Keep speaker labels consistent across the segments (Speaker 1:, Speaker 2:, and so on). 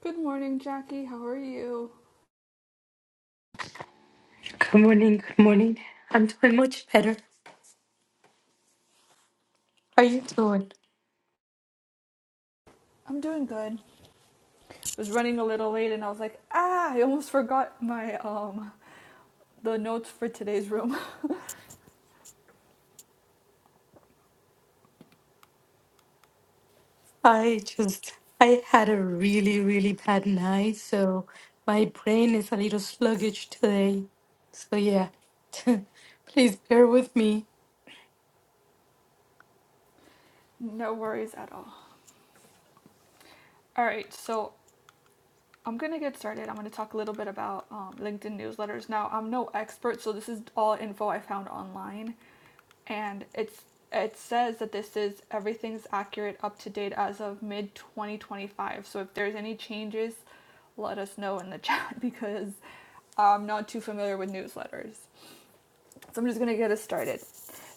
Speaker 1: Good morning, Jackie. How are you?
Speaker 2: Good morning, good morning. I'm doing much better. How are you doing?
Speaker 1: I'm doing good. I was running a little late and I was like, ah, I almost forgot my um the notes for today's room.
Speaker 2: I just I had a really, really bad night, so my brain is a little sluggish today. So yeah. Please bear with me.
Speaker 1: no worries at all. All right, so I'm gonna get started. I'm gonna talk a little bit about um, LinkedIn newsletters. Now, I'm no expert, so this is all info I found online, and it's it says that this is everything's accurate up to date as of mid 2025. So if there's any changes, let us know in the chat because I'm not too familiar with newsletters. So I'm just going to get us started.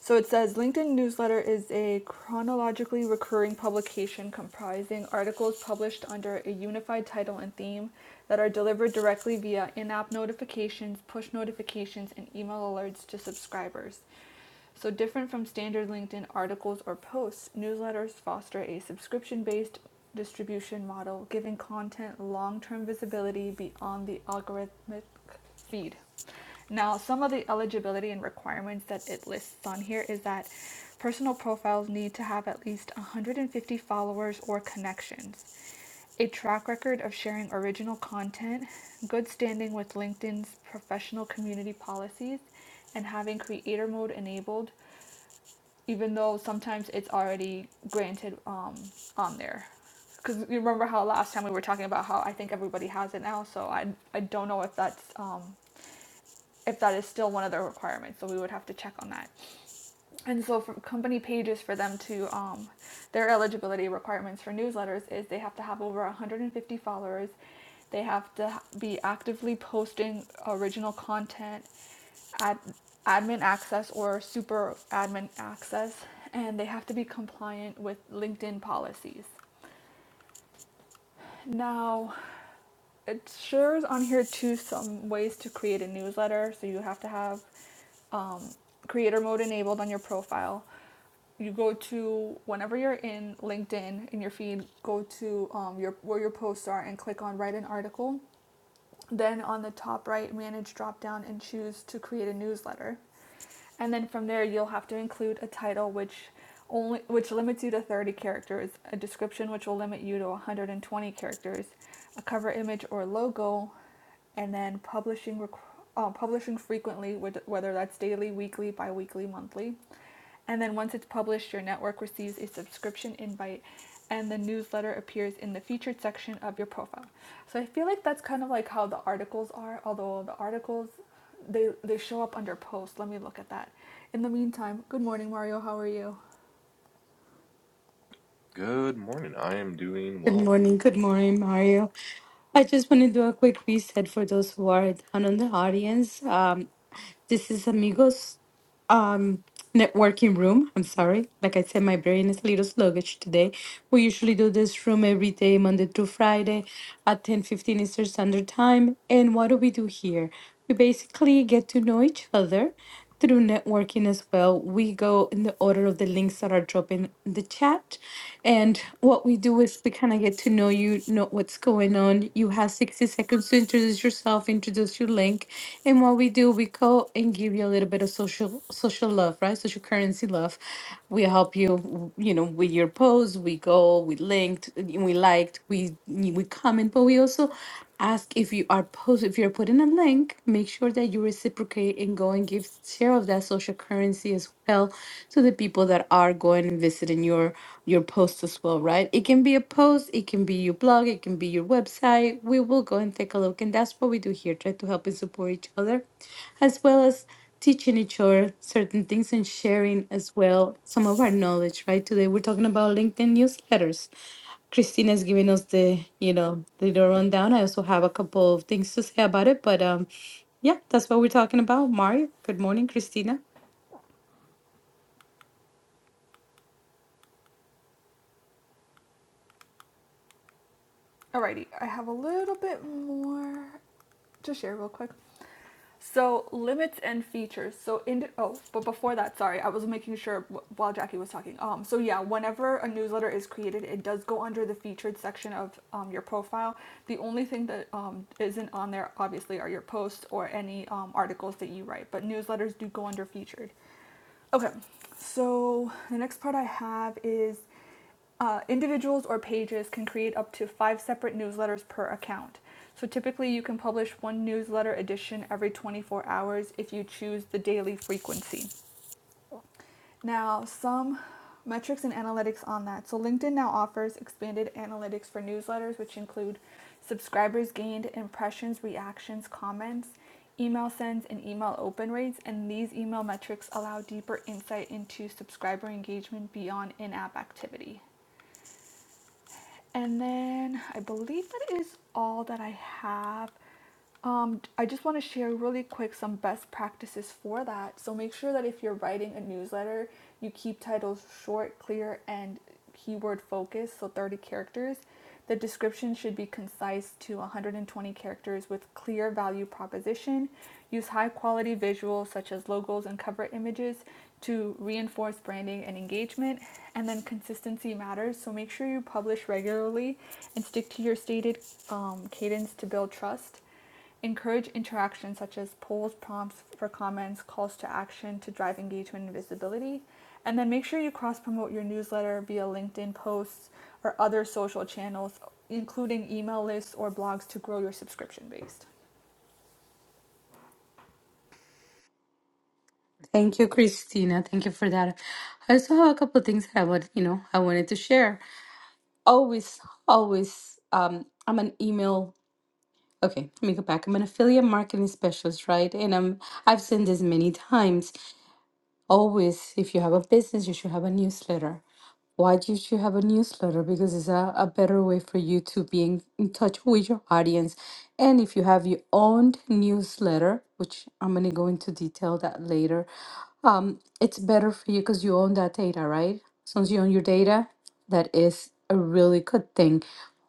Speaker 1: So it says LinkedIn newsletter is a chronologically recurring publication comprising articles published under a unified title and theme that are delivered directly via in app notifications, push notifications, and email alerts to subscribers. So, different from standard LinkedIn articles or posts, newsletters foster a subscription based distribution model, giving content long term visibility beyond the algorithmic feed. Now, some of the eligibility and requirements that it lists on here is that personal profiles need to have at least 150 followers or connections, a track record of sharing original content, good standing with LinkedIn's professional community policies, and having creator mode enabled, even though sometimes it's already granted um, on there. Because you remember how last time we were talking about how I think everybody has it now, so I, I don't know if that's. Um, if that is still one of the requirements. So we would have to check on that. And so for company pages for them to um, their eligibility requirements for newsletters is they have to have over 150 followers. They have to be actively posting original content, ad, admin access or super admin access, and they have to be compliant with LinkedIn policies. Now, it shares on here too some ways to create a newsletter. So you have to have um, creator mode enabled on your profile. You go to whenever you're in LinkedIn in your feed, go to um, your where your posts are and click on write an article. Then on the top right, manage drop down and choose to create a newsletter and then from there you'll have to include a title which only which limits you to 30 characters, a description which will limit you to 120 characters, a cover image or logo, and then publishing requ- uh, publishing frequently, whether that's daily, weekly, bi-weekly, monthly. And then once it's published, your network receives a subscription invite and the newsletter appears in the featured section of your profile. So I feel like that's kind of like how the articles are, although the articles they they show up under posts. Let me look at that. In the meantime, good morning Mario, how are you?
Speaker 3: Good morning. I am doing
Speaker 2: Good
Speaker 3: well.
Speaker 2: morning, good morning, Mario. I just want to do a quick reset for those who are down on the audience. Um, This is Amigos um networking room. I'm sorry. Like I said, my brain is a little sluggish today. We usually do this room every day, Monday through Friday at 10 15 Eastern Standard Time. And what do we do here? We basically get to know each other through networking as well. We go in the order of the links that are dropping in the chat. And what we do is we kind of get to know know you know what's going on. You have 60 seconds to introduce yourself, introduce your link. And what we do, we go and give you a little bit of social social love, right? Social currency love. We help you, you know, with your post. We go, we linked, we liked, we we comment, but we also ask if you are post if you're putting a link make sure that you reciprocate and go and give share of that social currency as well to the people that are going and visiting your your post as well right it can be a post it can be your blog it can be your website we will go and take a look and that's what we do here try to help and support each other as well as teaching each other certain things and sharing as well some of our knowledge right today we're talking about linkedin newsletters Christine has given us the, you know, the little rundown. I also have a couple of things to say about it, but um, yeah, that's what we're talking about. Mario, good morning, Christina.
Speaker 1: Alrighty, I have a little bit more to share real quick. So limits and features. So in oh, but before that, sorry, I was making sure while Jackie was talking. Um, so yeah, whenever a newsletter is created, it does go under the featured section of um, your profile. The only thing that um, isn't on there, obviously, are your posts or any um, articles that you write. But newsletters do go under featured. Okay, so the next part I have is uh, individuals or pages can create up to five separate newsletters per account. So typically, you can publish one newsletter edition every 24 hours if you choose the daily frequency. Now, some metrics and analytics on that. So, LinkedIn now offers expanded analytics for newsletters, which include subscribers gained, impressions, reactions, comments, email sends, and email open rates. And these email metrics allow deeper insight into subscriber engagement beyond in app activity. And then I believe that is all that I have. Um, I just want to share really quick some best practices for that. So make sure that if you're writing a newsletter, you keep titles short, clear, and keyword focused, so 30 characters. The description should be concise to 120 characters with clear value proposition. Use high quality visuals such as logos and cover images to reinforce branding and engagement. And then consistency matters, so make sure you publish regularly and stick to your stated um, cadence to build trust. Encourage interactions such as polls, prompts for comments, calls to action to drive engagement and visibility. And then make sure you cross promote your newsletter via LinkedIn posts or other social channels, including email lists or blogs to grow your subscription base.
Speaker 2: Thank you, Christina. Thank you for that. I also have a couple of things that I would, you know, I wanted to share. Always, always, um, I'm an email. Okay, let me go back. I'm an affiliate marketing specialist, right? And I'm I've seen this many times Always, if you have a business, you should have a newsletter. Why do you should have a newsletter? Because it's a, a better way for you to be in, in touch with your audience. And if you have your own newsletter, which I'm going to go into detail that later, um, it's better for you because you own that data, right? Since you own your data, that is a really good thing.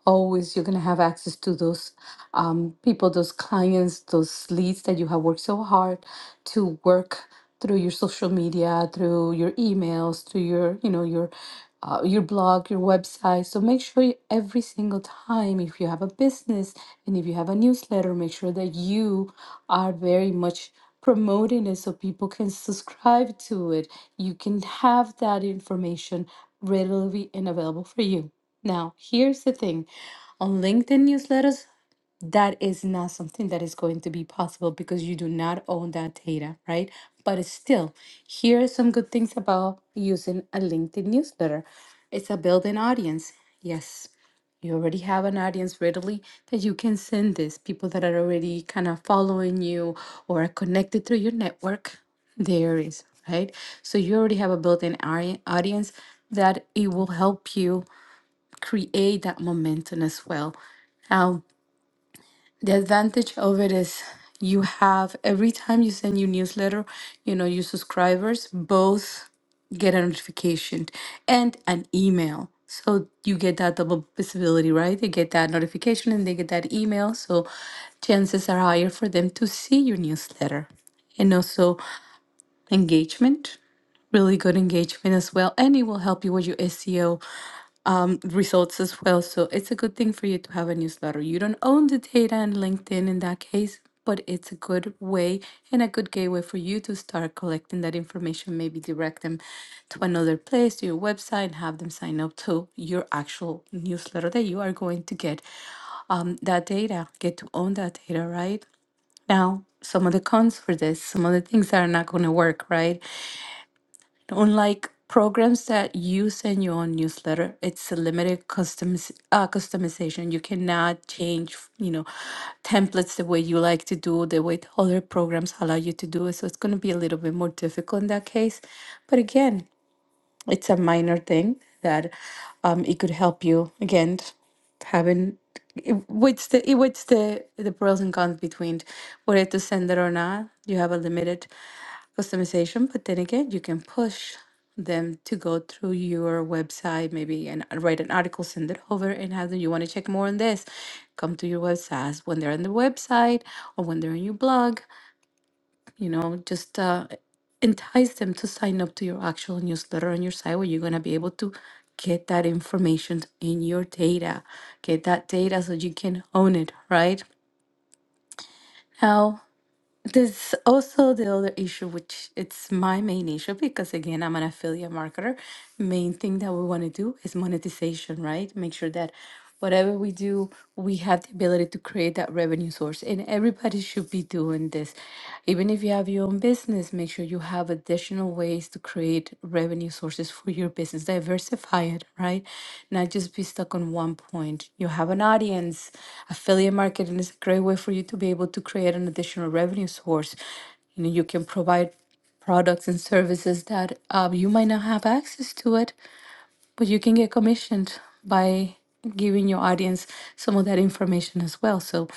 Speaker 2: Always you're gonna have access to those um, people, those clients, those leads that you have worked so hard to work through your social media, through your emails, through your, you know, your uh, your blog, your website. So make sure you, every single time, if you have a business and if you have a newsletter, make sure that you are very much promoting it so people can subscribe to it. You can have that information readily and available for you. Now, here's the thing on LinkedIn newsletters, that is not something that is going to be possible because you do not own that data, right? But it's still, here are some good things about using a LinkedIn newsletter. It's a built-in audience. Yes, you already have an audience readily that you can send this, people that are already kind of following you or are connected through your network. There is, right? So you already have a built-in audi- audience that it will help you create that momentum as well the advantage of it is you have every time you send your newsletter, you know, your subscribers both get a notification and an email. So you get that double visibility, right? They get that notification and they get that email. So chances are higher for them to see your newsletter. And also engagement, really good engagement as well. And it will help you with your SEO results as well. So it's a good thing for you to have a newsletter. You don't own the data in LinkedIn in that case, but it's a good way and a good gateway for you to start collecting that information, maybe direct them to another place, to your website, and have them sign up to your actual newsletter that you are going to get um, that data, get to own that data, right? Now, some of the cons for this, some of the things that are not going to work, right? Unlike programs that you send your own newsletter, it's a limited customiz- uh, customization. You cannot change, you know, templates the way you like to do, the way other programs allow you to do it. So it's going to be a little bit more difficult in that case. But again, it's a minor thing that um, it could help you again having it- what's the it- what's the the pros and cons between whether to send it or not. You have a limited customization, but then again, you can push them to go through your website, maybe and write an article, send it over, and have them. You want to check more on this? Come to your website when they're on the website or when they're on your blog you know, just uh, entice them to sign up to your actual newsletter on your site where you're going to be able to get that information in your data, get that data so you can own it, right? Now. There's also the other issue, which it's my main issue because again, I'm an affiliate marketer. Main thing that we want to do is monetization, right? Make sure that whatever we do, we have the ability to create that revenue source. And everybody should be doing this. Even if you have your own business, make sure you have additional additional ways to create revenue sources for your business. Diversify it, right? Not just be stuck on one point. You have an audience. Affiliate marketing is a great way for you to be able to create an additional revenue source. You know, you can provide products and services that uh, you might not have access to it but you can get commissioned by giving your audience some of that information as well. So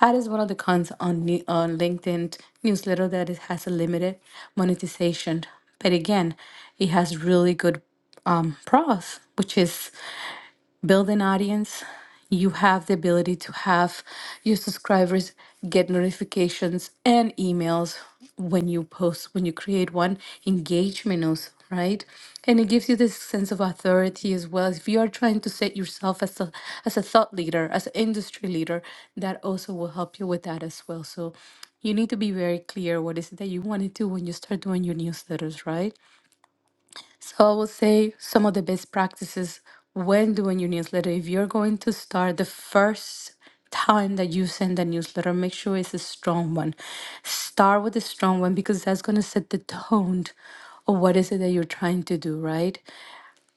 Speaker 2: that is one of the cons on ne- on LinkedIn newsletter that it has a limited monetization, but again, it has really good um, pros, which is build an audience. You have the ability to have your subscribers get notifications and emails when you post, when you create one, engage menus, right? And it gives you this sense of authority as well. If you are trying to set yourself as a as a thought leader, as an industry leader, that also will help you with that as well. So you need to be very clear what is it that you want to do when you start doing your newsletters, right? So I will say some of the best practices when doing your newsletter. If you're going to start the first time that you send a newsletter, make sure it's a strong one. Start with a strong one because that's going to set the tone of what is it that you're trying to do, right?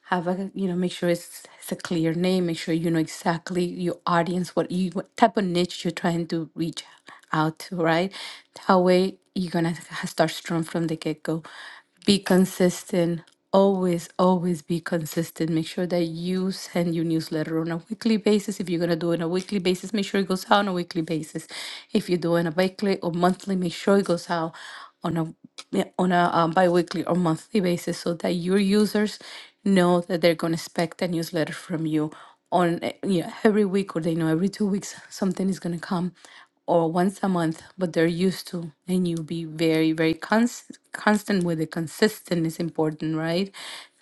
Speaker 2: have a you know make sure it's, it's a clear name make sure you know exactly your audience what you what type of niche you're trying to reach out to right that way you're gonna ha- start strong from the get-go be consistent always always be consistent make sure that you send your newsletter on a weekly basis if you're going to do it on a weekly basis make sure it goes out on a weekly basis if you're doing a weekly or monthly make sure it goes out on a yeah, on a um, bi-weekly or monthly basis so that your users know that they're going to expect a newsletter from you on eh, you know, every week or they know every two weeks something is going to come or once a month but they're used to and you be very very cons- constant with it consistent is important right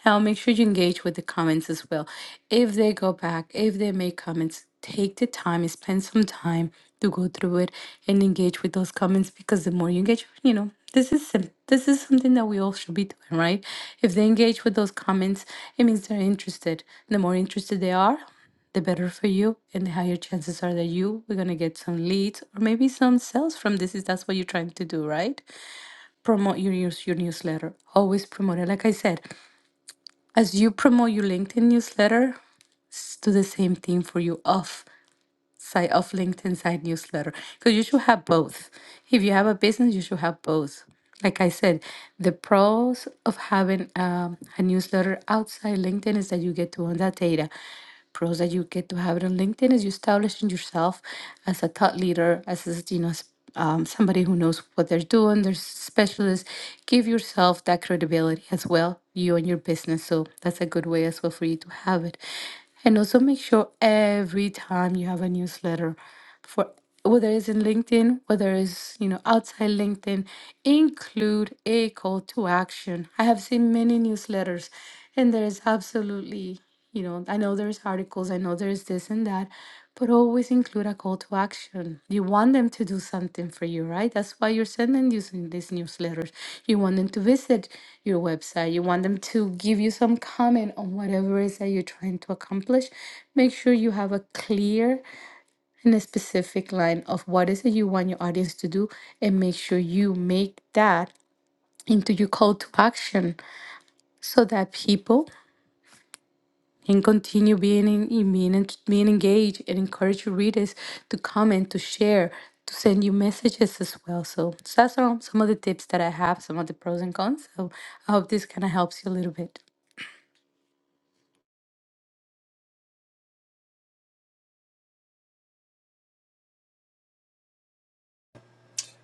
Speaker 2: now make sure you engage with the comments as well if they go back if they make comments take the time spend some time to go through it and engage with those comments because the more you engage, you know, this is sim- this is something that we all should be doing, right? If they engage with those comments, it means they're interested. The more interested they are, the better for you, and the higher chances are that you we're gonna get some leads or maybe some sales from this. Is that's what you're trying to do, right? Promote your news, your newsletter. Always promote it. Like I said, as you promote your LinkedIn newsletter, s- do the same thing for you off side of LinkedIn side newsletter because you should have both. If you have a business, you should have both. Like I said, the pros of having um, a newsletter outside LinkedIn is that you get to own that data. Pros that you get to have it on LinkedIn is you establishing yourself as a thought leader, as a, you know, s- um, somebody who knows what they're doing, they're specialists. Give yourself that credibility as well, you and your business. So that's a good way as well for you to have it. And also make sure every time you have a newsletter for whether it's in LinkedIn, whether it's you know outside LinkedIn, include a call to action. I have seen many newsletters and there is absolutely, you know, I know there's articles, I know there's this and that, but always include a call to action. You want them to do something for you, right? That's why you're sending using these newsletters. You want them to visit your website. You want them to give you some comment on whatever it is that you're trying to accomplish. Make sure you have a clear and a specific line of what is it you want your audience to do and make sure you make that into your call to action so that people and continue being in, being, en- being engaged and encourage your readers to comment, to share, to send you messages as well. So, so that's all, some of the tips that I have, some of the pros and cons. So I hope this kind of helps you a little bit.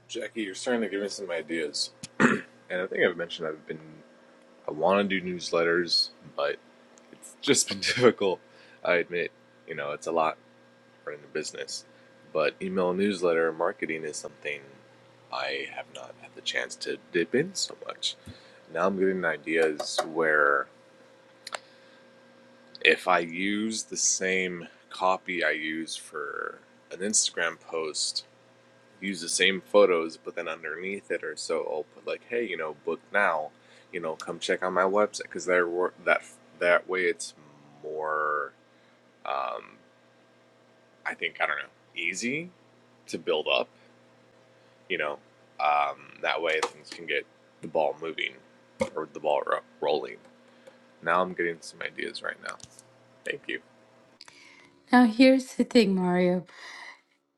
Speaker 3: Jackie, you're starting to give me some ideas. And I think I've mentioned I've been, I want to do newsletters, but it's just been difficult. I admit, you know, it's a lot running a business. But email newsletter marketing is something I have not had the chance to dip in so much. Now I'm getting ideas where if I use the same copy I use for an Instagram post use the same photos, but then underneath it or so I'll put like, hey, you know, book now, you know, come check out my website because there were that that way it's more, um, I think I don't know, easy to build up, you know, um, that way things can get the ball moving or the ball ro- rolling. Now I'm getting some ideas right now. Thank you.
Speaker 2: Now here's the thing, Mario.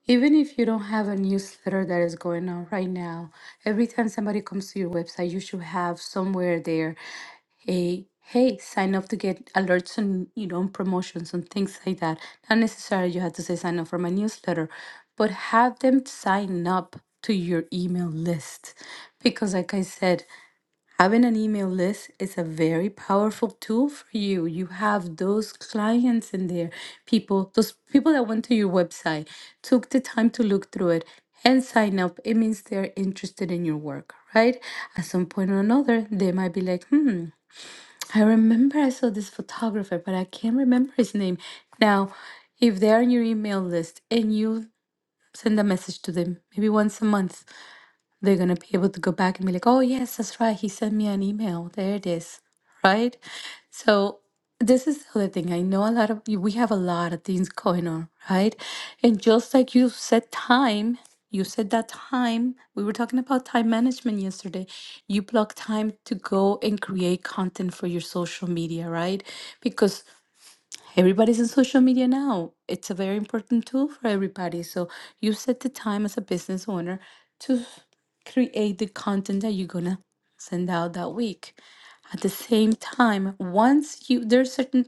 Speaker 2: Even if you don't have a newsletter that is going on right now, every time somebody comes to your website, you should have somewhere there a hey, sign up to get alerts and you know promotions and things like that. Not necessarily you have to say sign up for my newsletter, but have them sign up to your email list. Because like I said, Having an email list is a very powerful tool for you. You have those clients in there, people, those people that went to your website, took the time to look through it and sign up. It means they're interested in your work, right? At some point or another, they might be like, hmm, I remember I saw this photographer, but I can't remember his name. Now, if they're on your email list and you send a message to them maybe once a month they're going to be able to go back and be like, oh, yes, that's right. He sent me an email. There it is. Right. So, this is the other thing. I know a lot of we have a lot of things going on. Right. And just like you said, time, you said that time, we were talking about time management yesterday. You block time to go and create content for your social media. Right. Because Everybody's on social media now. It's a very important tool for everybody. So you set the time as a business owner to create the content that you're gonna send out that week. At the same time, once you there's certain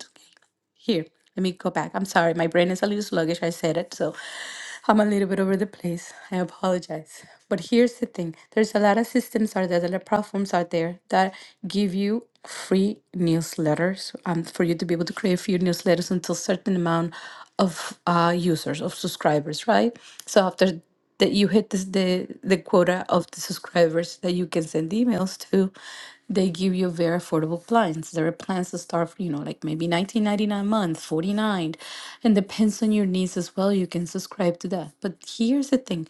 Speaker 2: here, let me go back. I'm sorry, my brain is a little sluggish. I said it, so I'm a little bit over the place. I apologize. But here's the thing there's a lot of systems out there, there are platforms out there that give you free newsletters um, for you to be able to create free newsletters until certain amount of uh, users, of subscribers, right? So after that you hit this, the the quota of the subscribers that you can send emails to, they give you very affordable plans. There are plans that start, from, you know, like maybe 19.99 a month, 49, and depends on your needs as well. You can subscribe to that. But here's the thing,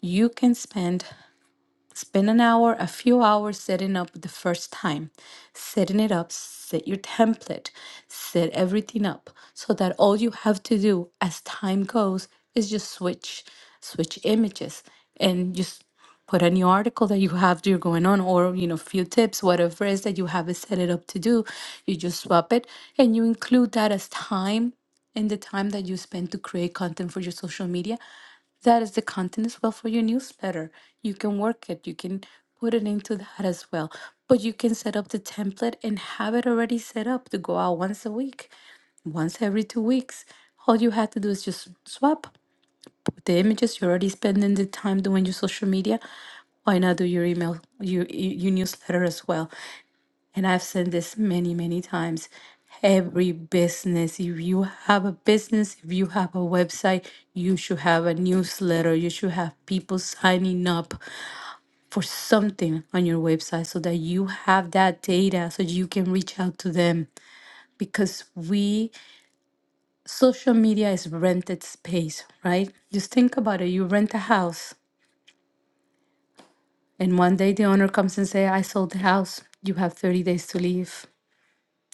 Speaker 2: you can spend. Spend an hour, a few hours setting up the first time. Setting it up, set your template, set everything up so that all you have to do as time goes is just switch, switch images and just put a new article that you have that you're going on or you know few tips whatever it is that you have it set it up to do you just swap it and you include that as time in the time that you spend to create content for your social media that is the content as well for your newsletter. You can work it, you can put it into that as well. But you can set up the template and have it already set up to go out once a week, once every two weeks. All you have to do is just swap with the images. You're already spending the time doing your social media. Why not do your email, your, your newsletter as well? And I've said this many, many times. Every business, if you have a business, if you have a website, you should have a newsletter. You should have people signing up for something on your website so that you have that data so you can reach out to them. Because we, social media is rented space, right? Just think about it. You rent a house, and one day the owner comes and say, I sold the house. You have 30 days to leave.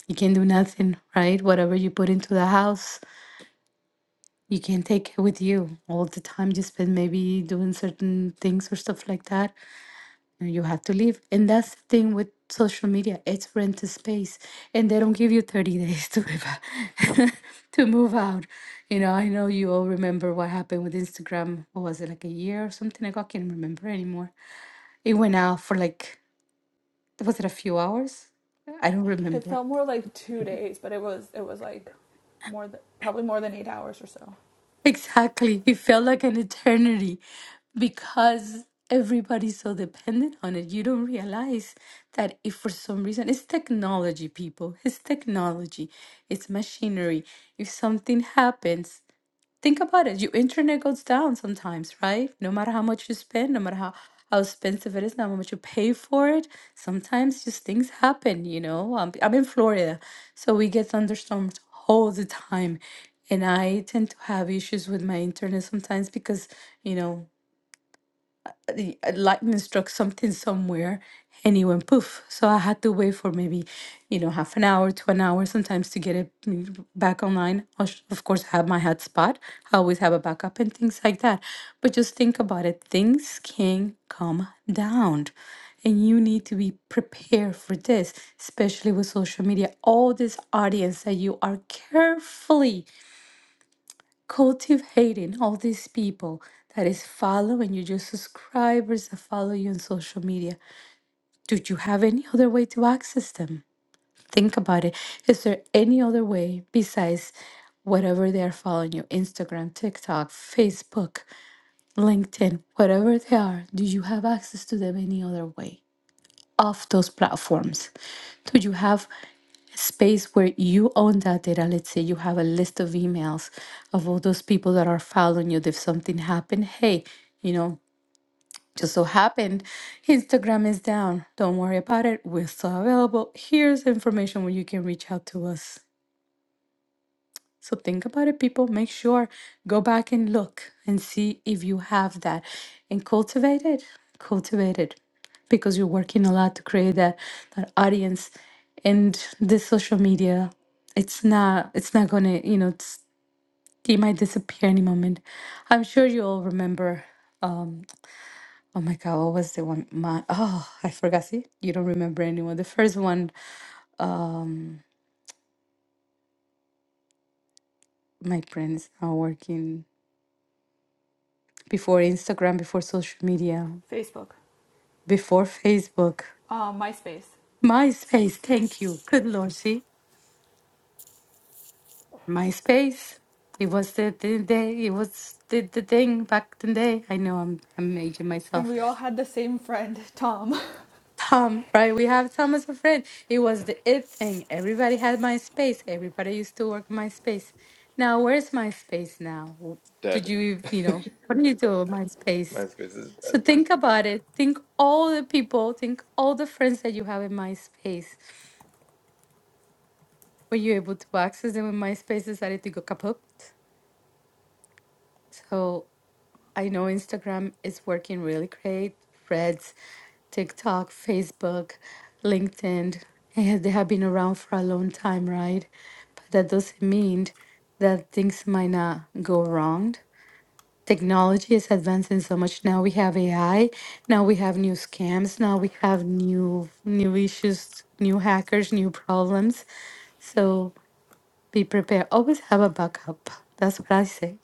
Speaker 2: You can do nothing, right? Whatever you put into the house, you can take it with you all the time. You spend maybe doing certain things or stuff like that. And you have to leave. And that's the thing with social media. It's rent a space. And they don't give you 30 days to move out. to move out. You know, I know you all remember what happened with Instagram. What was it, like a year or something? Like, I can't remember anymore. It went out for like, was it a few hours? I don't
Speaker 1: It
Speaker 2: remember.
Speaker 1: felt more like two days, but it was it was like more than probably more than eight hours or so.
Speaker 2: Exactly. It felt like an eternity because everybody's so dependent on it. You don't realize that if for some reason it's technology, people, it's technology, it's machinery. If something happens, Think about it. Your internet goes down sometimes, right? No matter how much you spend, no matter how, how expensive it is, no matter how much you pay for it, sometimes just things happen, you know? Um, I'm in Florida, so we get thunderstorms all the time. And I tend to have issues with my internet sometimes because, you know, the uh, lightning struck something somewhere and it went poof. So I had to wait for maybe, you know, half an hour to an hour sometimes to get it mm, back online. I sh- Of course, I have my hotspot. I always have a backup and things like that. But just think about it. Things can come down and you need to be prepared for this, especially with social media. All this audience that you are carefully cultivating all these people that is following you, your subscribers that follow you on social media? Do you have any other way to access them? Think about it. Is there any other way besides whatever they are following you Instagram, TikTok, Facebook, LinkedIn, whatever they are? Do you have access to them any other way? off those platforms? Do you have space where you own that data. Let's say you have a list of emails of all those people that are following you. If something happened, hey, you know, just so happened, Instagram is down. Don't worry about it. We're still available. Here's information where you can reach out to us. So think about it, people. Make sure, go back and look and see if you have that and cultivate it. Cultivate it because you're working a lot to create that, that audience and this social media. It's not, it's not going to, you know, it's, it might disappear any moment. I'm sure you all remember. Um, oh my God, what was the one? My, oh, I forgot. See, you don't remember anyone. The first one, my brain is not working before Instagram, before social media.
Speaker 1: Facebook,
Speaker 2: before Facebook.
Speaker 1: um, MySpace,
Speaker 2: MySpace, thank you. Good Lord, see? MySpace. It was the, the day, it was the, the thing back in the day. I know I'm I'm aging
Speaker 1: and
Speaker 2: myself.
Speaker 1: we all had the same friend, Tom.
Speaker 2: Tom, right? We have Tom as a friend. It was the it thing. Everybody had MySpace. Everybody used to work MySpace. Now, where's MySpace now? Did
Speaker 3: Dead.
Speaker 2: you, you know, what do you do with MySpace?
Speaker 3: MySpace is
Speaker 2: So
Speaker 3: dead.
Speaker 2: think about it. Think all the people, think all the friends that you have in MySpace. were you able to access them when MySpace decided to go kaput? So I know Instagram is working really great. Threads, TikTok, Facebook, LinkedIn, eh, they have been around for a long time, right? But that doesn't mean that things might not go wrong. Technology is advancing so much now. We have AI. Now we have new scams. Now we have new new issues, new hackers, new problems. So. Be prepared. Always have a backup. That's what I say.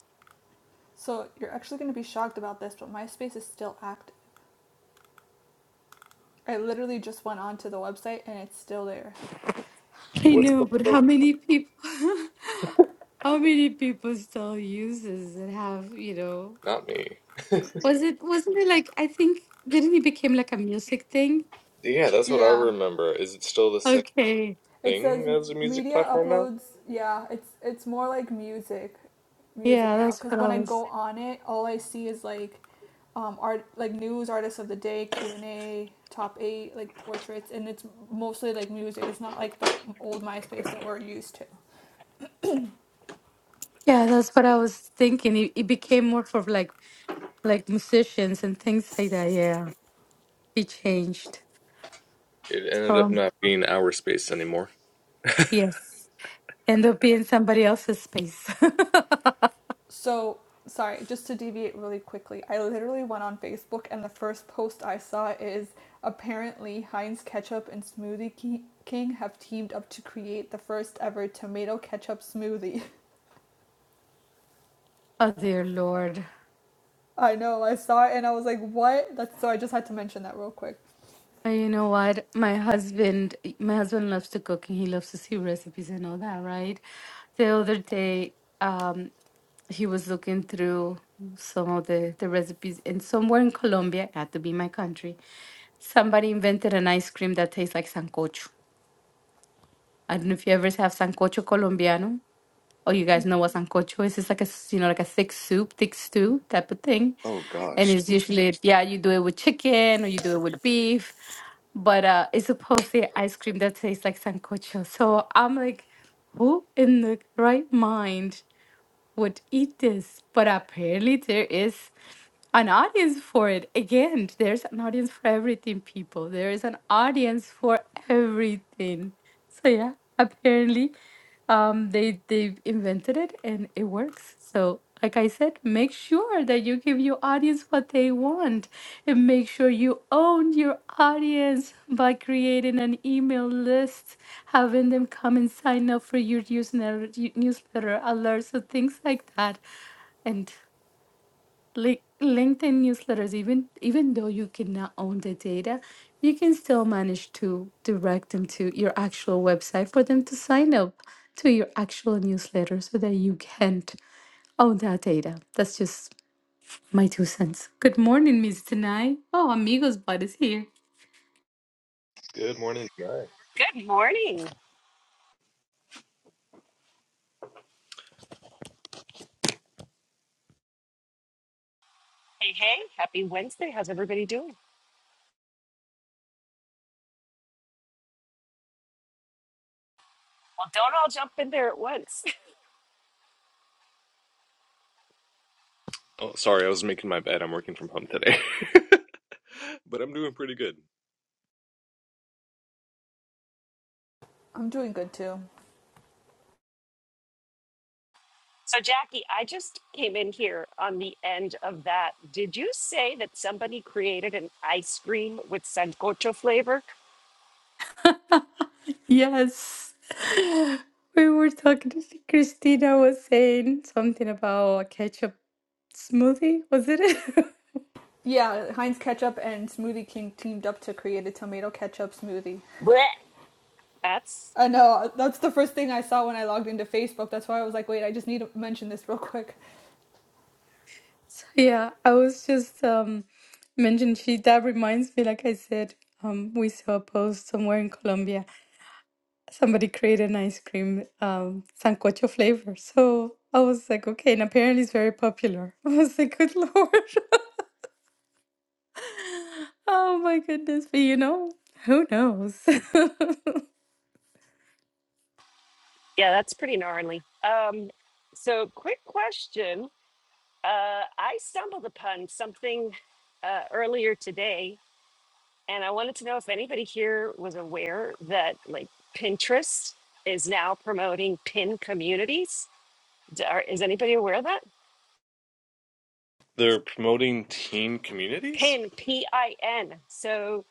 Speaker 1: So you're actually going to be shocked about this, but MySpace is still active. I literally just went onto the website and it's still there.
Speaker 2: I
Speaker 3: What's the
Speaker 2: know, but how
Speaker 3: focus?
Speaker 2: many people? how many people still uses and have you know?
Speaker 3: Not me.
Speaker 2: Was it wasn't it like I think didn't it became like a music thing?
Speaker 3: Yeah, that's what I
Speaker 1: Yeah.
Speaker 3: remember. Is it still the same?
Speaker 2: Okay,
Speaker 1: It says
Speaker 3: thing as a music
Speaker 1: media
Speaker 3: platform now.
Speaker 1: uploads. Yeah, it's it's more like music, music
Speaker 2: yeah,
Speaker 1: now.
Speaker 2: that's
Speaker 1: Cause
Speaker 2: what
Speaker 1: when
Speaker 2: I
Speaker 1: I
Speaker 2: was.
Speaker 1: go on it, all I see is like, um, art like news artists of the day, Q and A, top eight, like portraits, and it's mostly like music. It's not like the old MySpace that we're used to.
Speaker 2: Yeah, that's what I was thinking. It, it became more for like like musicians and things like that. Yeah, it changed.
Speaker 3: It ended up
Speaker 2: So
Speaker 3: not being our space anymore.
Speaker 2: yes, end up being somebody else's space.
Speaker 1: So, sorry, just to deviate really quickly, I literally went on Facebook and the first post I saw is apparently Heinz Ketchup and Smoothie King have teamed up to create the first ever tomato ketchup smoothie.
Speaker 2: oh dear Lord.
Speaker 1: I know, I saw it and I was like, what? That's so I just had to mention that real quick.
Speaker 2: Uh, You know what? My husband, my husband loves to cook and he loves to see recipes and all that, right? The other day, um, he was looking through some of the, the recipes, and somewhere in Colombia, not to be my country, somebody invented an ice cream that tastes like sancocho. I don't know if you ever have sancocho colombiano. Oh, you guys know what sancocho is? It's like a, s- you know, like a thick soup, thick stew type of thing.
Speaker 3: Oh
Speaker 2: And
Speaker 3: gosh.
Speaker 2: it's usually, yeah, you do it with chicken or you do it with beef, but uh, it's supposed to be ice cream that tastes like sancocho. So I'm like, who in the right mind would eat this, but apparently there is an audience for it. Again, there's an audience for everything, people. There is an audience for everything. So yeah, apparently um they they invented it and it works. So like I said, make sure that you give your audience what they want and make sure you own your audience by creating an email list, having them come and sign up for your newsletter, newsletter alerts, or things like that. And li- LinkedIn newsletters, even even though you cannot own the data, you can still manage to direct them to your actual website for them to sign up to your actual newsletter so that you can't own that data. That's just my two cents. Good morning, Miss Tanai. Oh, amigos, bud is here.
Speaker 3: Good morning, Jai.
Speaker 4: Good morning. Hey, hey, happy Wednesday. How's everybody doing? Well, don't all jump in there at once.
Speaker 3: Oh, sorry, I was making my bed. I'm working from home today, but I'm doing pretty good.
Speaker 1: I'm doing good too.
Speaker 4: So, Jackie, I just came in here on the end of that. Did you say that somebody created an ice cream with sancocho flavor?
Speaker 2: yes. We were talking to Christina was saying something about a ketchup smoothie, was it?
Speaker 1: Yeah, Heinz Ketchup and Smoothie King teamed up to create a tomato ketchup smoothie.
Speaker 4: Blech. That's,
Speaker 1: I know, that's the first thing I saw when I logged into Facebook. That's why I was like, wait, I just need to mention this real quick.
Speaker 2: yeah, I was just um mentioned she that reminds me, like I said, um we saw a post somewhere in Colombia. Somebody created an ice cream um sancocho flavor. So I was like, okay, and apparently it's very popular. I was like, good lord. Oh my goodness. But you know, who knows? Here's
Speaker 4: yeah, that's pretty gnarly. Um, so, quick question. Uh, I stumbled upon something uh, earlier today and I wanted to know if anybody here was aware that like Pinterest is now promoting pin communities. D- are- Is anybody aware of that?
Speaker 3: They're promoting teen communities.
Speaker 4: Pin, P I N. So,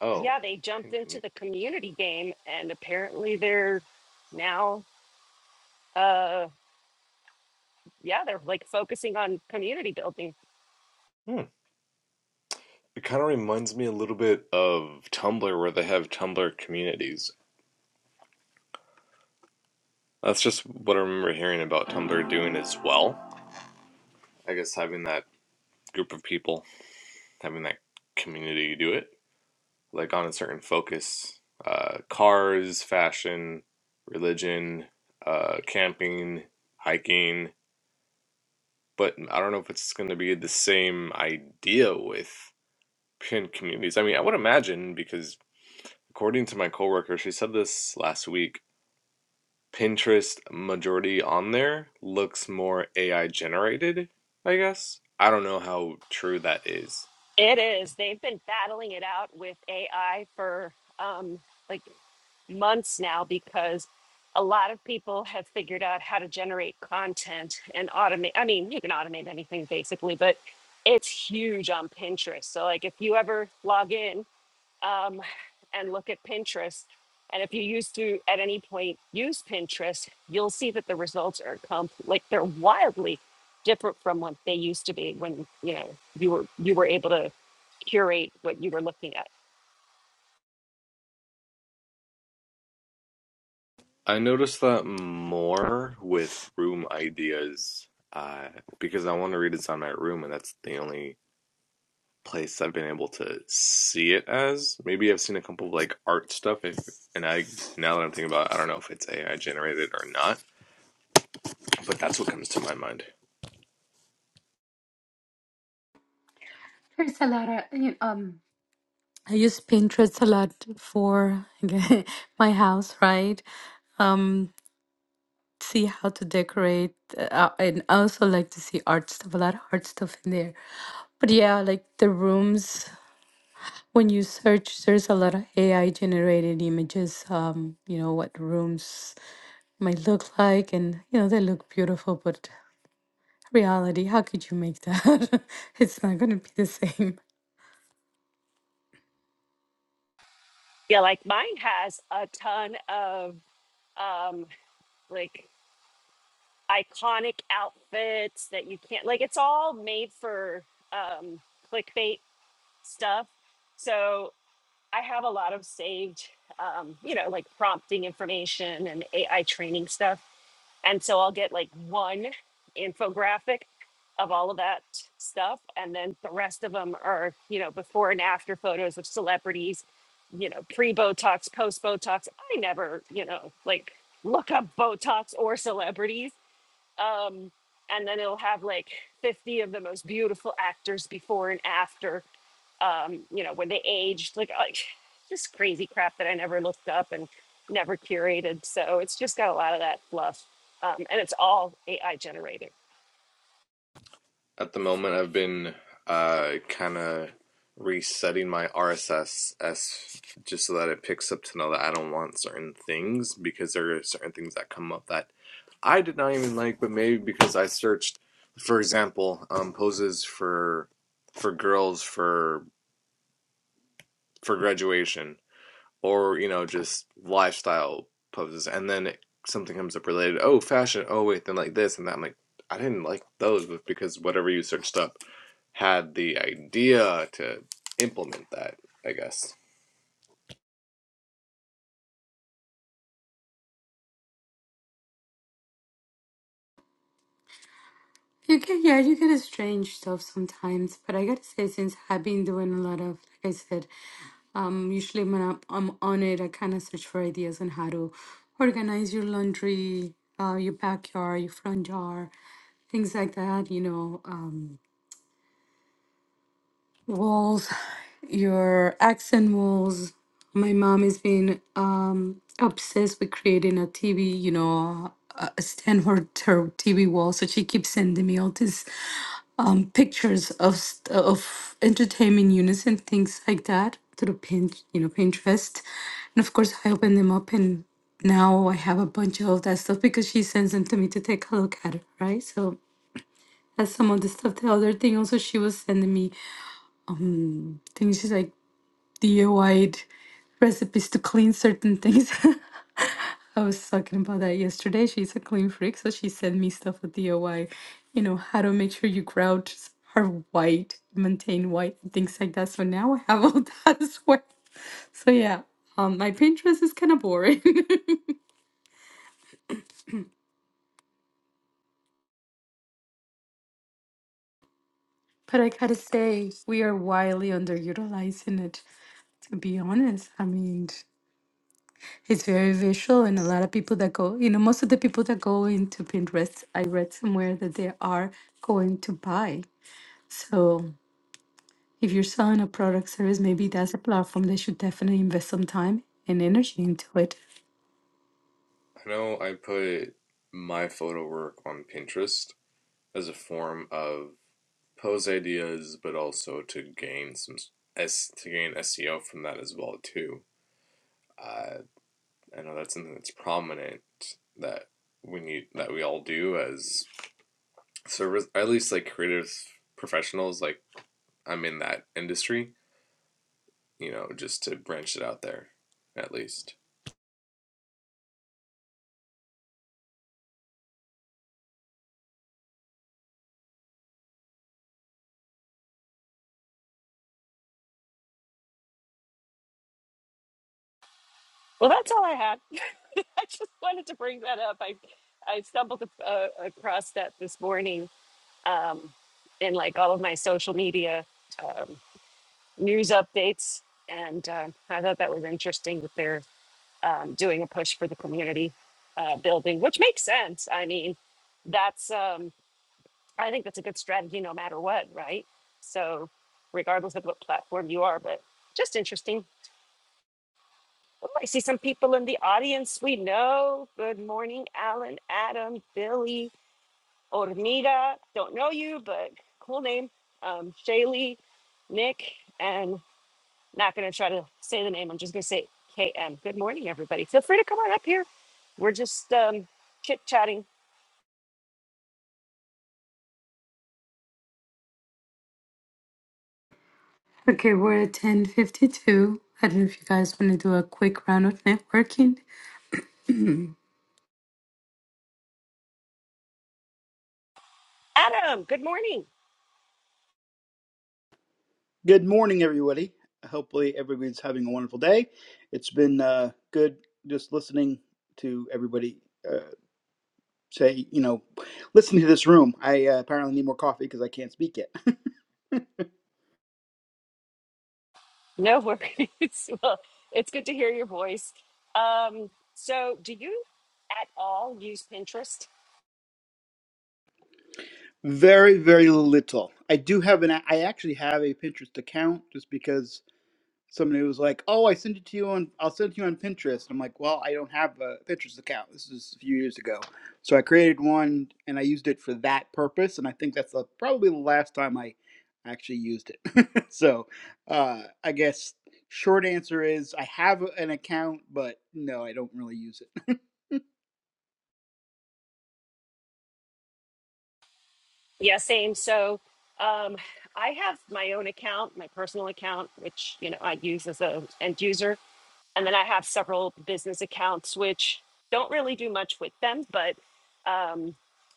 Speaker 3: Oh,
Speaker 4: yeah, they
Speaker 3: teen
Speaker 4: jumped into
Speaker 3: community.
Speaker 4: the community game and apparently they're now, uh, yeah, they're like focusing on community building.
Speaker 3: Hmm. It kind of reminds me a little bit of Tumblr, where they have Tumblr communities. That's just what I remember hearing about Tumblr doing as well. I guess having that group of people, having that community do it. like on a certain focus uh, cars, fashion, religion, uh, camping, hiking. But I don't know if it's going to be the same idea with pin communities. I mean, I would imagine because according to my coworker, she said this last week Pinterest majority on there looks more AI generated, I guess. I don't know how true that is
Speaker 4: It is. They've been battling it out with AI for um, like months now because a lot of people have figured out how to generate content and automate. I mean, you can automate anything basically, but it's huge on Pinterest. So, like, if you ever log in um, and look at Pinterest, and if you used to at any point use Pinterest, you'll see that the results are comp- like they're wildly different from what they used to be when you know you were you were able to curate what you were looking at.
Speaker 3: I notice that more with room ideas uh, because I want to redesign my room, and that's the only place I've been able to see it as. Maybe I've seen a couple of like art stuff, if, and I now that I'm thinking about, it, I don't know if it's AI generated or not, but that's what comes to my mind
Speaker 2: a lot of, you um, I use Pinterest a lot for my house, right? Um, see how to decorate, uh, and I also like to see art stuff, a lot of art stuff in there. But yeah, like the rooms, when you search, there's a lot of AI generated images, um, you know, what rooms might look like, and you know, they look beautiful, but reality. How could you make that? it's not going to be the same.
Speaker 4: Yeah, like mine has a ton of um like iconic outfits that you can't like it's all made for um clickbait stuff so i have a lot of saved um you know like prompting information and ai training stuff and so I'll get like one infographic of all of that stuff. And then the rest of them are, you know, before and after photos of celebrities, you know, pre Botox, post Botox. I never, you know, like look up Botox or celebrities um, and then it'll have like 50 of the most beautiful actors before and after um, you know when they aged like, like just crazy crap that i never looked up and never curated so it's just got a lot of that fluff um, and it's all ai generated
Speaker 3: at the moment. I've been uh, kind of resetting my RSS as just so that it picks up to know that I don't want certain things because there are certain things that come up that I did not even like, but maybe because I searched, for example, um, poses for for girls for for graduation, or you know, just lifestyle poses, and then it, something comes up related. Oh, fashion. Oh, wait, then like this and that. I'm like, I didn't like those, but because whatever you searched up had the idea to implement that. I guess.
Speaker 2: You get, yeah, you get a strange stuff sometimes. But I gotta say, since I've been doing a lot of, like I said, um, usually when I'm, I'm on it, I kind of search for ideas on how to organize your laundry, uh, your backyard, your front yard, things like that. You know, um. Walls, your accent walls. My mom has been um, obsessed with creating a TV, you know, a a Stanford ter- TV wall. So she keeps sending me all these um, pictures of st- of entertainment units and things like that through pin, you know, Pinterest. And of course, I open them up, and now I have a bunch of that stuff because she sends them to me to take a look at, it, right? So that's some of the stuff. The other thing also, she was sending me things. She's like. DIY recipes to clean certain things. I was talking about that yesterday. She's a clean freak, so she sent me stuff with DIY, you know, how to make sure your grouts are white, maintain white, and things like that. So now I have all that as well. So yeah, um, my Pinterest is kind of boring, but I gotta say, we are wildly underutilizing it, to be honest. I mean, It's very visual, and a lot of people that go, you know, most of the people that go into Pinterest, I read somewhere that they are going to buy. So if you're selling a product service, maybe that's a platform they should definitely invest some time and energy into it.
Speaker 3: I know I put my photo work on Pinterest as a form of pose ideas, but also to gain some s to gain SEO from that as well too. Uh, I know that's something that's prominent that we need that we all do as service at least like creative professionals. Like I'm in that industry, you know, just to branch it out there at least.
Speaker 4: well that's all i had i just wanted to bring that up i i stumbled uh, across that this morning um, in like all of my social media um, news updates. And um, I thought that was interesting that they're um, doing a push for the community uh, building, which makes sense. I mean, that's, um, I think that's a good strategy no matter what, right? So, regardless of what platform you are, but just interesting. Oh, I see some people in the audience we know. Good morning, Alan, Adam, Billy, Ormida. Don't know you, but cool name. Um, Shaylee, Nick, and. Not going to try to say the name. I'm just going to say KM. Good morning, everybody. Feel free to come on up here. We're just um, chit chatting.
Speaker 2: Okay, we're at 10:52. I don't know if you guys want to do a quick round of networking.
Speaker 4: Adam, good morning.
Speaker 5: Good morning, everybody. Hopefully, everybody's having a wonderful day. It's been uh, good just listening to everybody uh, say, you know, listen to this room. I uh, apparently need more coffee because I can't speak yet.
Speaker 4: No worries. well, it's good to hear your voice. Um, so, do you at all use Pinterest?
Speaker 5: very, very little. I do have an. I actually have a Pinterest account just because somebody was like, "Oh, I sent it to you on I'll send it to you on Pinterest." I'm like, "Well, I don't have a Pinterest account. This is a few years ago." So I created one and I used it for that purpose, and I think that's the, probably the last time I actually used it. so, uh, I guess short answer is I have an account, but no, I don't really use it.
Speaker 4: Yeah, same. So um, I have my own account, my personal account, which you know I use as a end user, and then I have several business accounts which don't really do much with them, but um,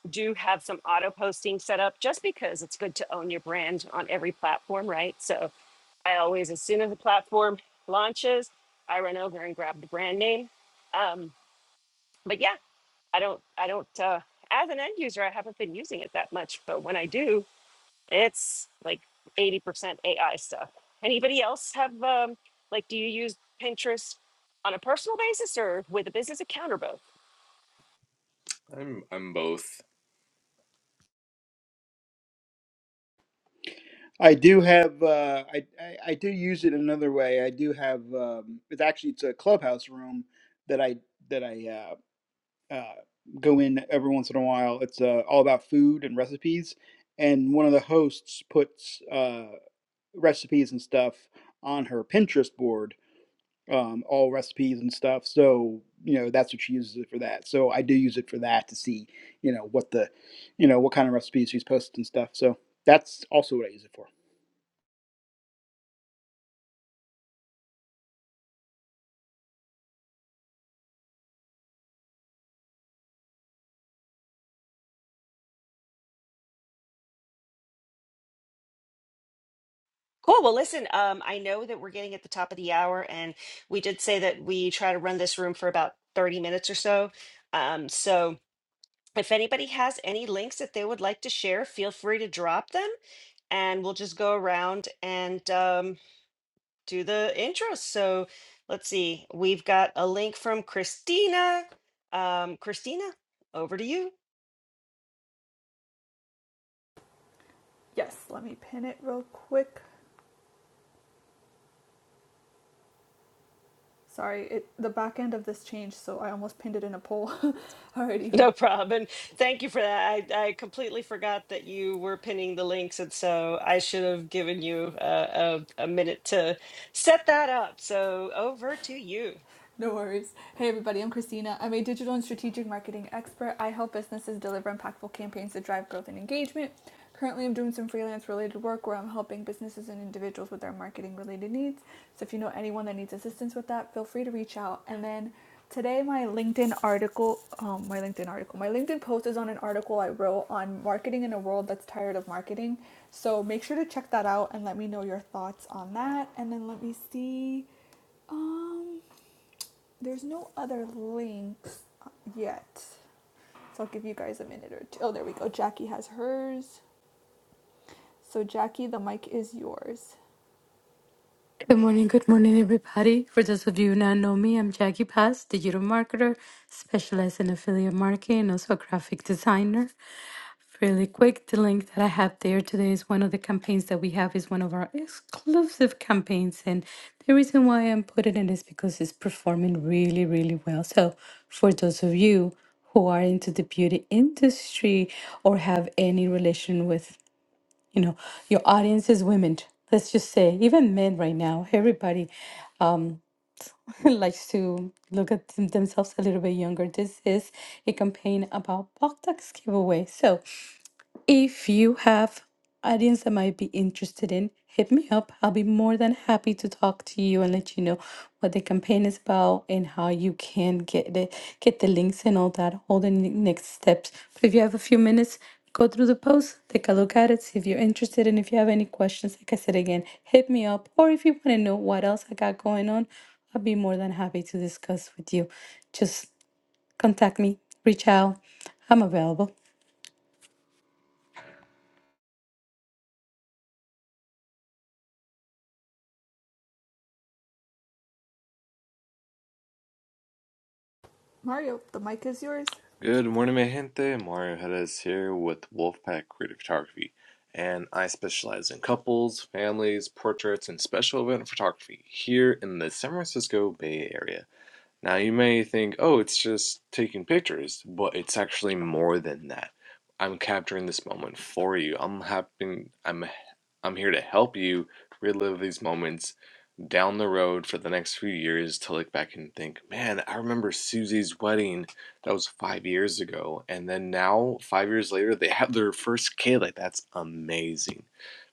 Speaker 4: do have some auto posting set up just because it's good to own your brand on every platform, right? So I always, as soon as the platform launches, I run over and grab the brand name. Um, but yeah, I don't I don't uh as an end user I haven't been using it that much, but when I do, it's like 80% AI stuff. Anybody else have um like do you use Pinterest on a personal basis or with a business account or both?
Speaker 3: I'm I'm both
Speaker 5: I do have uh, I, I I do use it another way. I do have um, it's actually it's a clubhouse room that I that I uh, uh, go in every once in a while. It's uh, all about food and recipes, and one of the hosts puts uh, recipes and stuff on her Pinterest board, um, all recipes and stuff. So you know that's what she uses it for that. So I do use it for that to see you know what the you know what kind of recipes she's posted and stuff. So that's also what I use it for.
Speaker 4: Cool. Well, listen, um, I know that we're getting at the top of the hour, and we did say that we try to run this room for about 30 minutes or so. Um, so if anybody has any links that they would like to share, feel free to drop them, and we'll just go around and um. do the intro. So let's see. We've got a link from Christina. Um, Christina, over to you.
Speaker 1: Yes, let me pin it real quick. Sorry, it the back end of this changed, so I almost pinned it in a poll. Alrighty.
Speaker 4: No problem. And Thank you for that. I, I completely forgot that you were pinning the links, and so I should have given you uh, a, a minute to set that up. So over to you.
Speaker 1: No worries. Hey, everybody, I'm Christina. I'm a digital and strategic marketing expert. I help businesses deliver impactful campaigns to drive growth and engagement. Currently, I'm doing some freelance related work where I'm helping businesses and individuals with their marketing related needs. So, if you know anyone that needs assistance with that, feel free to reach out. And then today, my LinkedIn article, um, my LinkedIn article, my LinkedIn post is on an article I wrote on marketing in a world that's tired of marketing. So, make sure to check that out and let me know your thoughts on that. And then, let me see. Um, there's no other links yet. So I'll give you guys a minute or two. Oh, there we go. Jackie has hers. So, Jackie, the mic is yours.
Speaker 2: Good morning, good morning, everybody. For those of you who not know me, I'm Jackie Paz, digital marketer, specialized in affiliate marketing, and also a graphic designer. Really quick, the link that I have there today is one of the campaigns that we have is one of our exclusive campaigns, and the reason why I'm putting it is because it's performing really, really well. So, for those of you who are into the beauty industry or have any relation with you know your audience is women let's just say even men right now everybody likes to look at them- themselves a little bit younger this is a campaign about box giveaway so if you have audience that might be interested in, hit me up. I'll be more than happy to talk to you and let you know what the campaign is about and how you can get the get the links and all that, all the ne- next steps. But if you have a few minutes, go through the post, take a look at it, see if you're interested, and if you have any questions, like I said again, hit me up. Or if you want to know what else I got going on, i will be more than happy to discuss with you. Just contact me, reach out. I'm available.
Speaker 1: Mario, the mic is yours.
Speaker 3: Good morning, my gente. Mario Hedes here with Wolfpack Creative Photography, and I specialize in couples, families, portraits, and special event photography here in the San Francisco Bay Area. Now, you may think, oh, it's just taking pictures, but it's actually more than that. I'm capturing this moment for you. I'm happy. I'm I'm here to help you relive these moments down the road for the next few years to look back and think, man, I remember Susie's wedding. That was five years ago. And then now, five years later, they have their first kid. Like, that's amazing.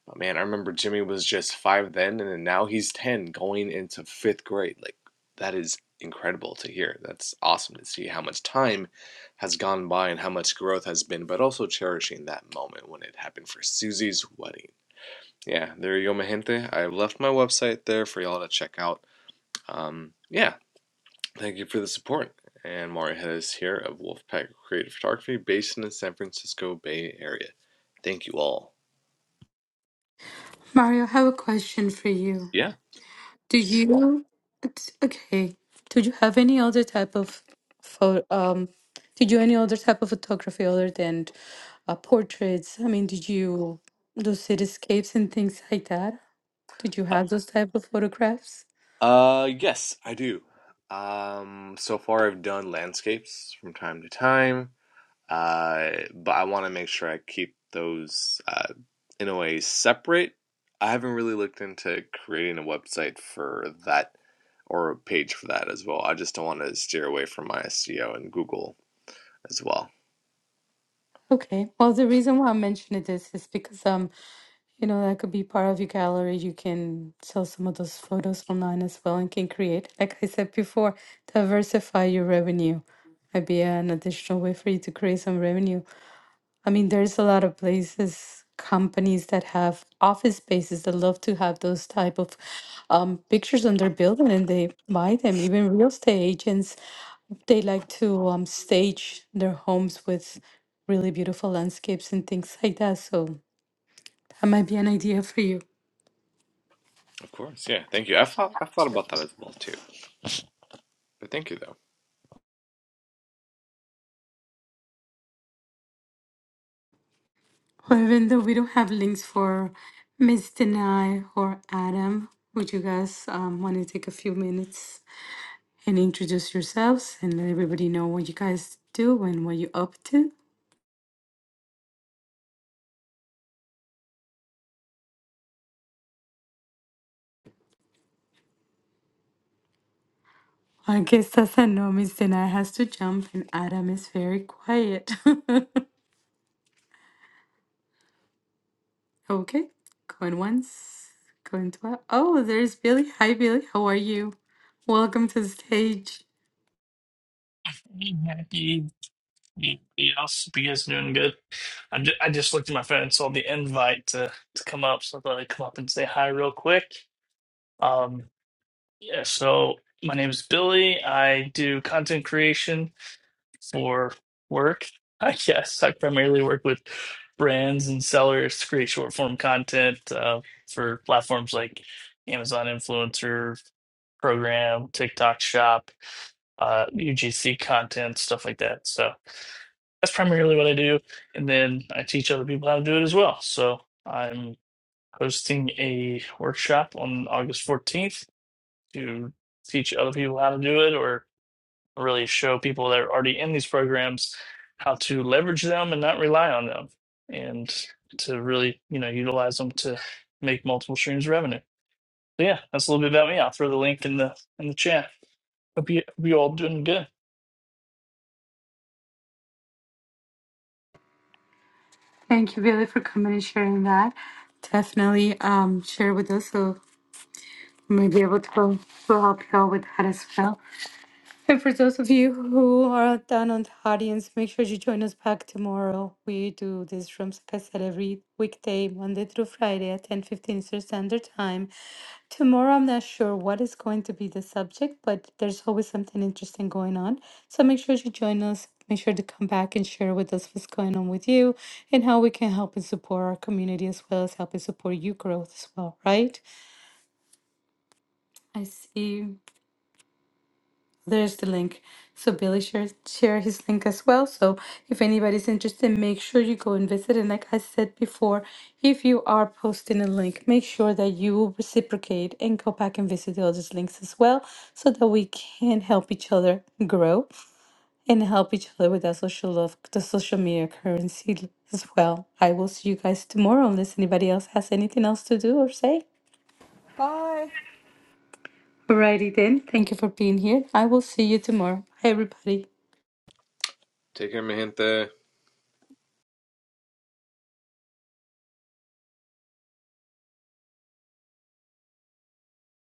Speaker 3: But man, I remember Jimmy was just five then, and then now he's 10 going into fifth grade. Like, that is incredible to hear. That's awesome to see how much time has gone by and how much growth has been, but also cherishing that moment when it happened for Susie's wedding. Yeah, there you go, my gente. I've left my website there for y'all to check out. Um, yeah, thank you for the support. And Mario Hedges here of Wolfpack Creative Photography, based in the San Francisco Bay Area. Thank you all.
Speaker 2: Mario, I have a question for you.
Speaker 3: Yeah.
Speaker 2: Do you it's- okay? Did you have any other type of photo? Um, did you any other type of photography other than uh, portraits? I mean, did you do cityscapes and things like that? Did you
Speaker 3: Uh,
Speaker 2: have those type of photographs?
Speaker 3: uh, yes, I do. Um, so far I've done landscapes from time to time. uh, but I want to make sure I keep those uh, in a way separate. I haven't really looked into creating a website for that or a page for that as well. I just don't want to steer away from my SEO and Google as well.
Speaker 2: Okay. Well, the reason why I mentioned this is because um, You know, that could be part of your gallery. You can sell some of those photos online as well and can create, like I said before, diversify your revenue. Might be an additional way for you to create some revenue. I mean, there's a lot of places, companies that have office spaces that love to have those type of um, pictures on their building and they buy them. Even real estate agents, they like to um, stage their homes with really beautiful landscapes and things like that. So that might be an idea for you.
Speaker 3: Of course, yeah. Thank you. I've thought, I've thought about that as well too. But thank you though.
Speaker 2: Or Even though we don't have links for Miss Denai or Adam, would you guys um, want to take a few minutes and introduce yourselves and let everybody know what you guys do and what you're up to? I guess as I know, Miss Denai has to jump and Adam is very quiet. okay, going once, going twice. Oh, there's Billy. Hi, Billy. How are you? Welcome to the stage.
Speaker 6: You, you, you else, you guys doing good? I ju- I just looked at my phone and saw the invite to, to come up, so I thought I'd come up and say hi real quick. Um, yeah, so my name is Billy. I do content creation for work. I guess I primarily work with brands and sellers to create short form content uh, for platforms like Amazon Influencer Program, TikTok Shop, uh, UGC content, stuff like that. So. that's primarily what I do. And then I teach other people how to do it as well. So I'm hosting a workshop on August 14th to teach other people how to do it or really show people that are already in these programs how to leverage them and not rely on them and to really, you know, utilize them to make multiple streams of revenue. So yeah, that's a little bit about me. I'll throw the link in the in the chat. Hope you hope you all doing good.
Speaker 2: Thank you, Billy, for coming and sharing that. Definitely um, share with us. uh, May be able to, go, to help y'all with that as well. And for those of you who are down on the audience, make sure you join us back tomorrow. We do this from like I said, every weekday, Monday through Friday at 10 15 Eastern Standard Time. Tomorrow, I'm not sure what is going to be the subject, but there's always something interesting going on. So make sure you join us. Make sure to come back and share with us what's going on with you and how we can help and support our community as well as help and support you growth as well, right? I see. There's the link. So Billy shared share his link as well. So if anybody's interested, make sure you go and visit. And like I said before, if you are posting a link, make sure that you reciprocate and go back and visit the others' links as well, so that we can help each other grow and help each other with that social love, the social media currency as well. I will see you guys tomorrow unless anybody else has anything else to do or say.
Speaker 1: Bye.
Speaker 2: Alrighty then. Thank you for being here. I will see you tomorrow. Hi everybody.
Speaker 3: Take care, mi gente.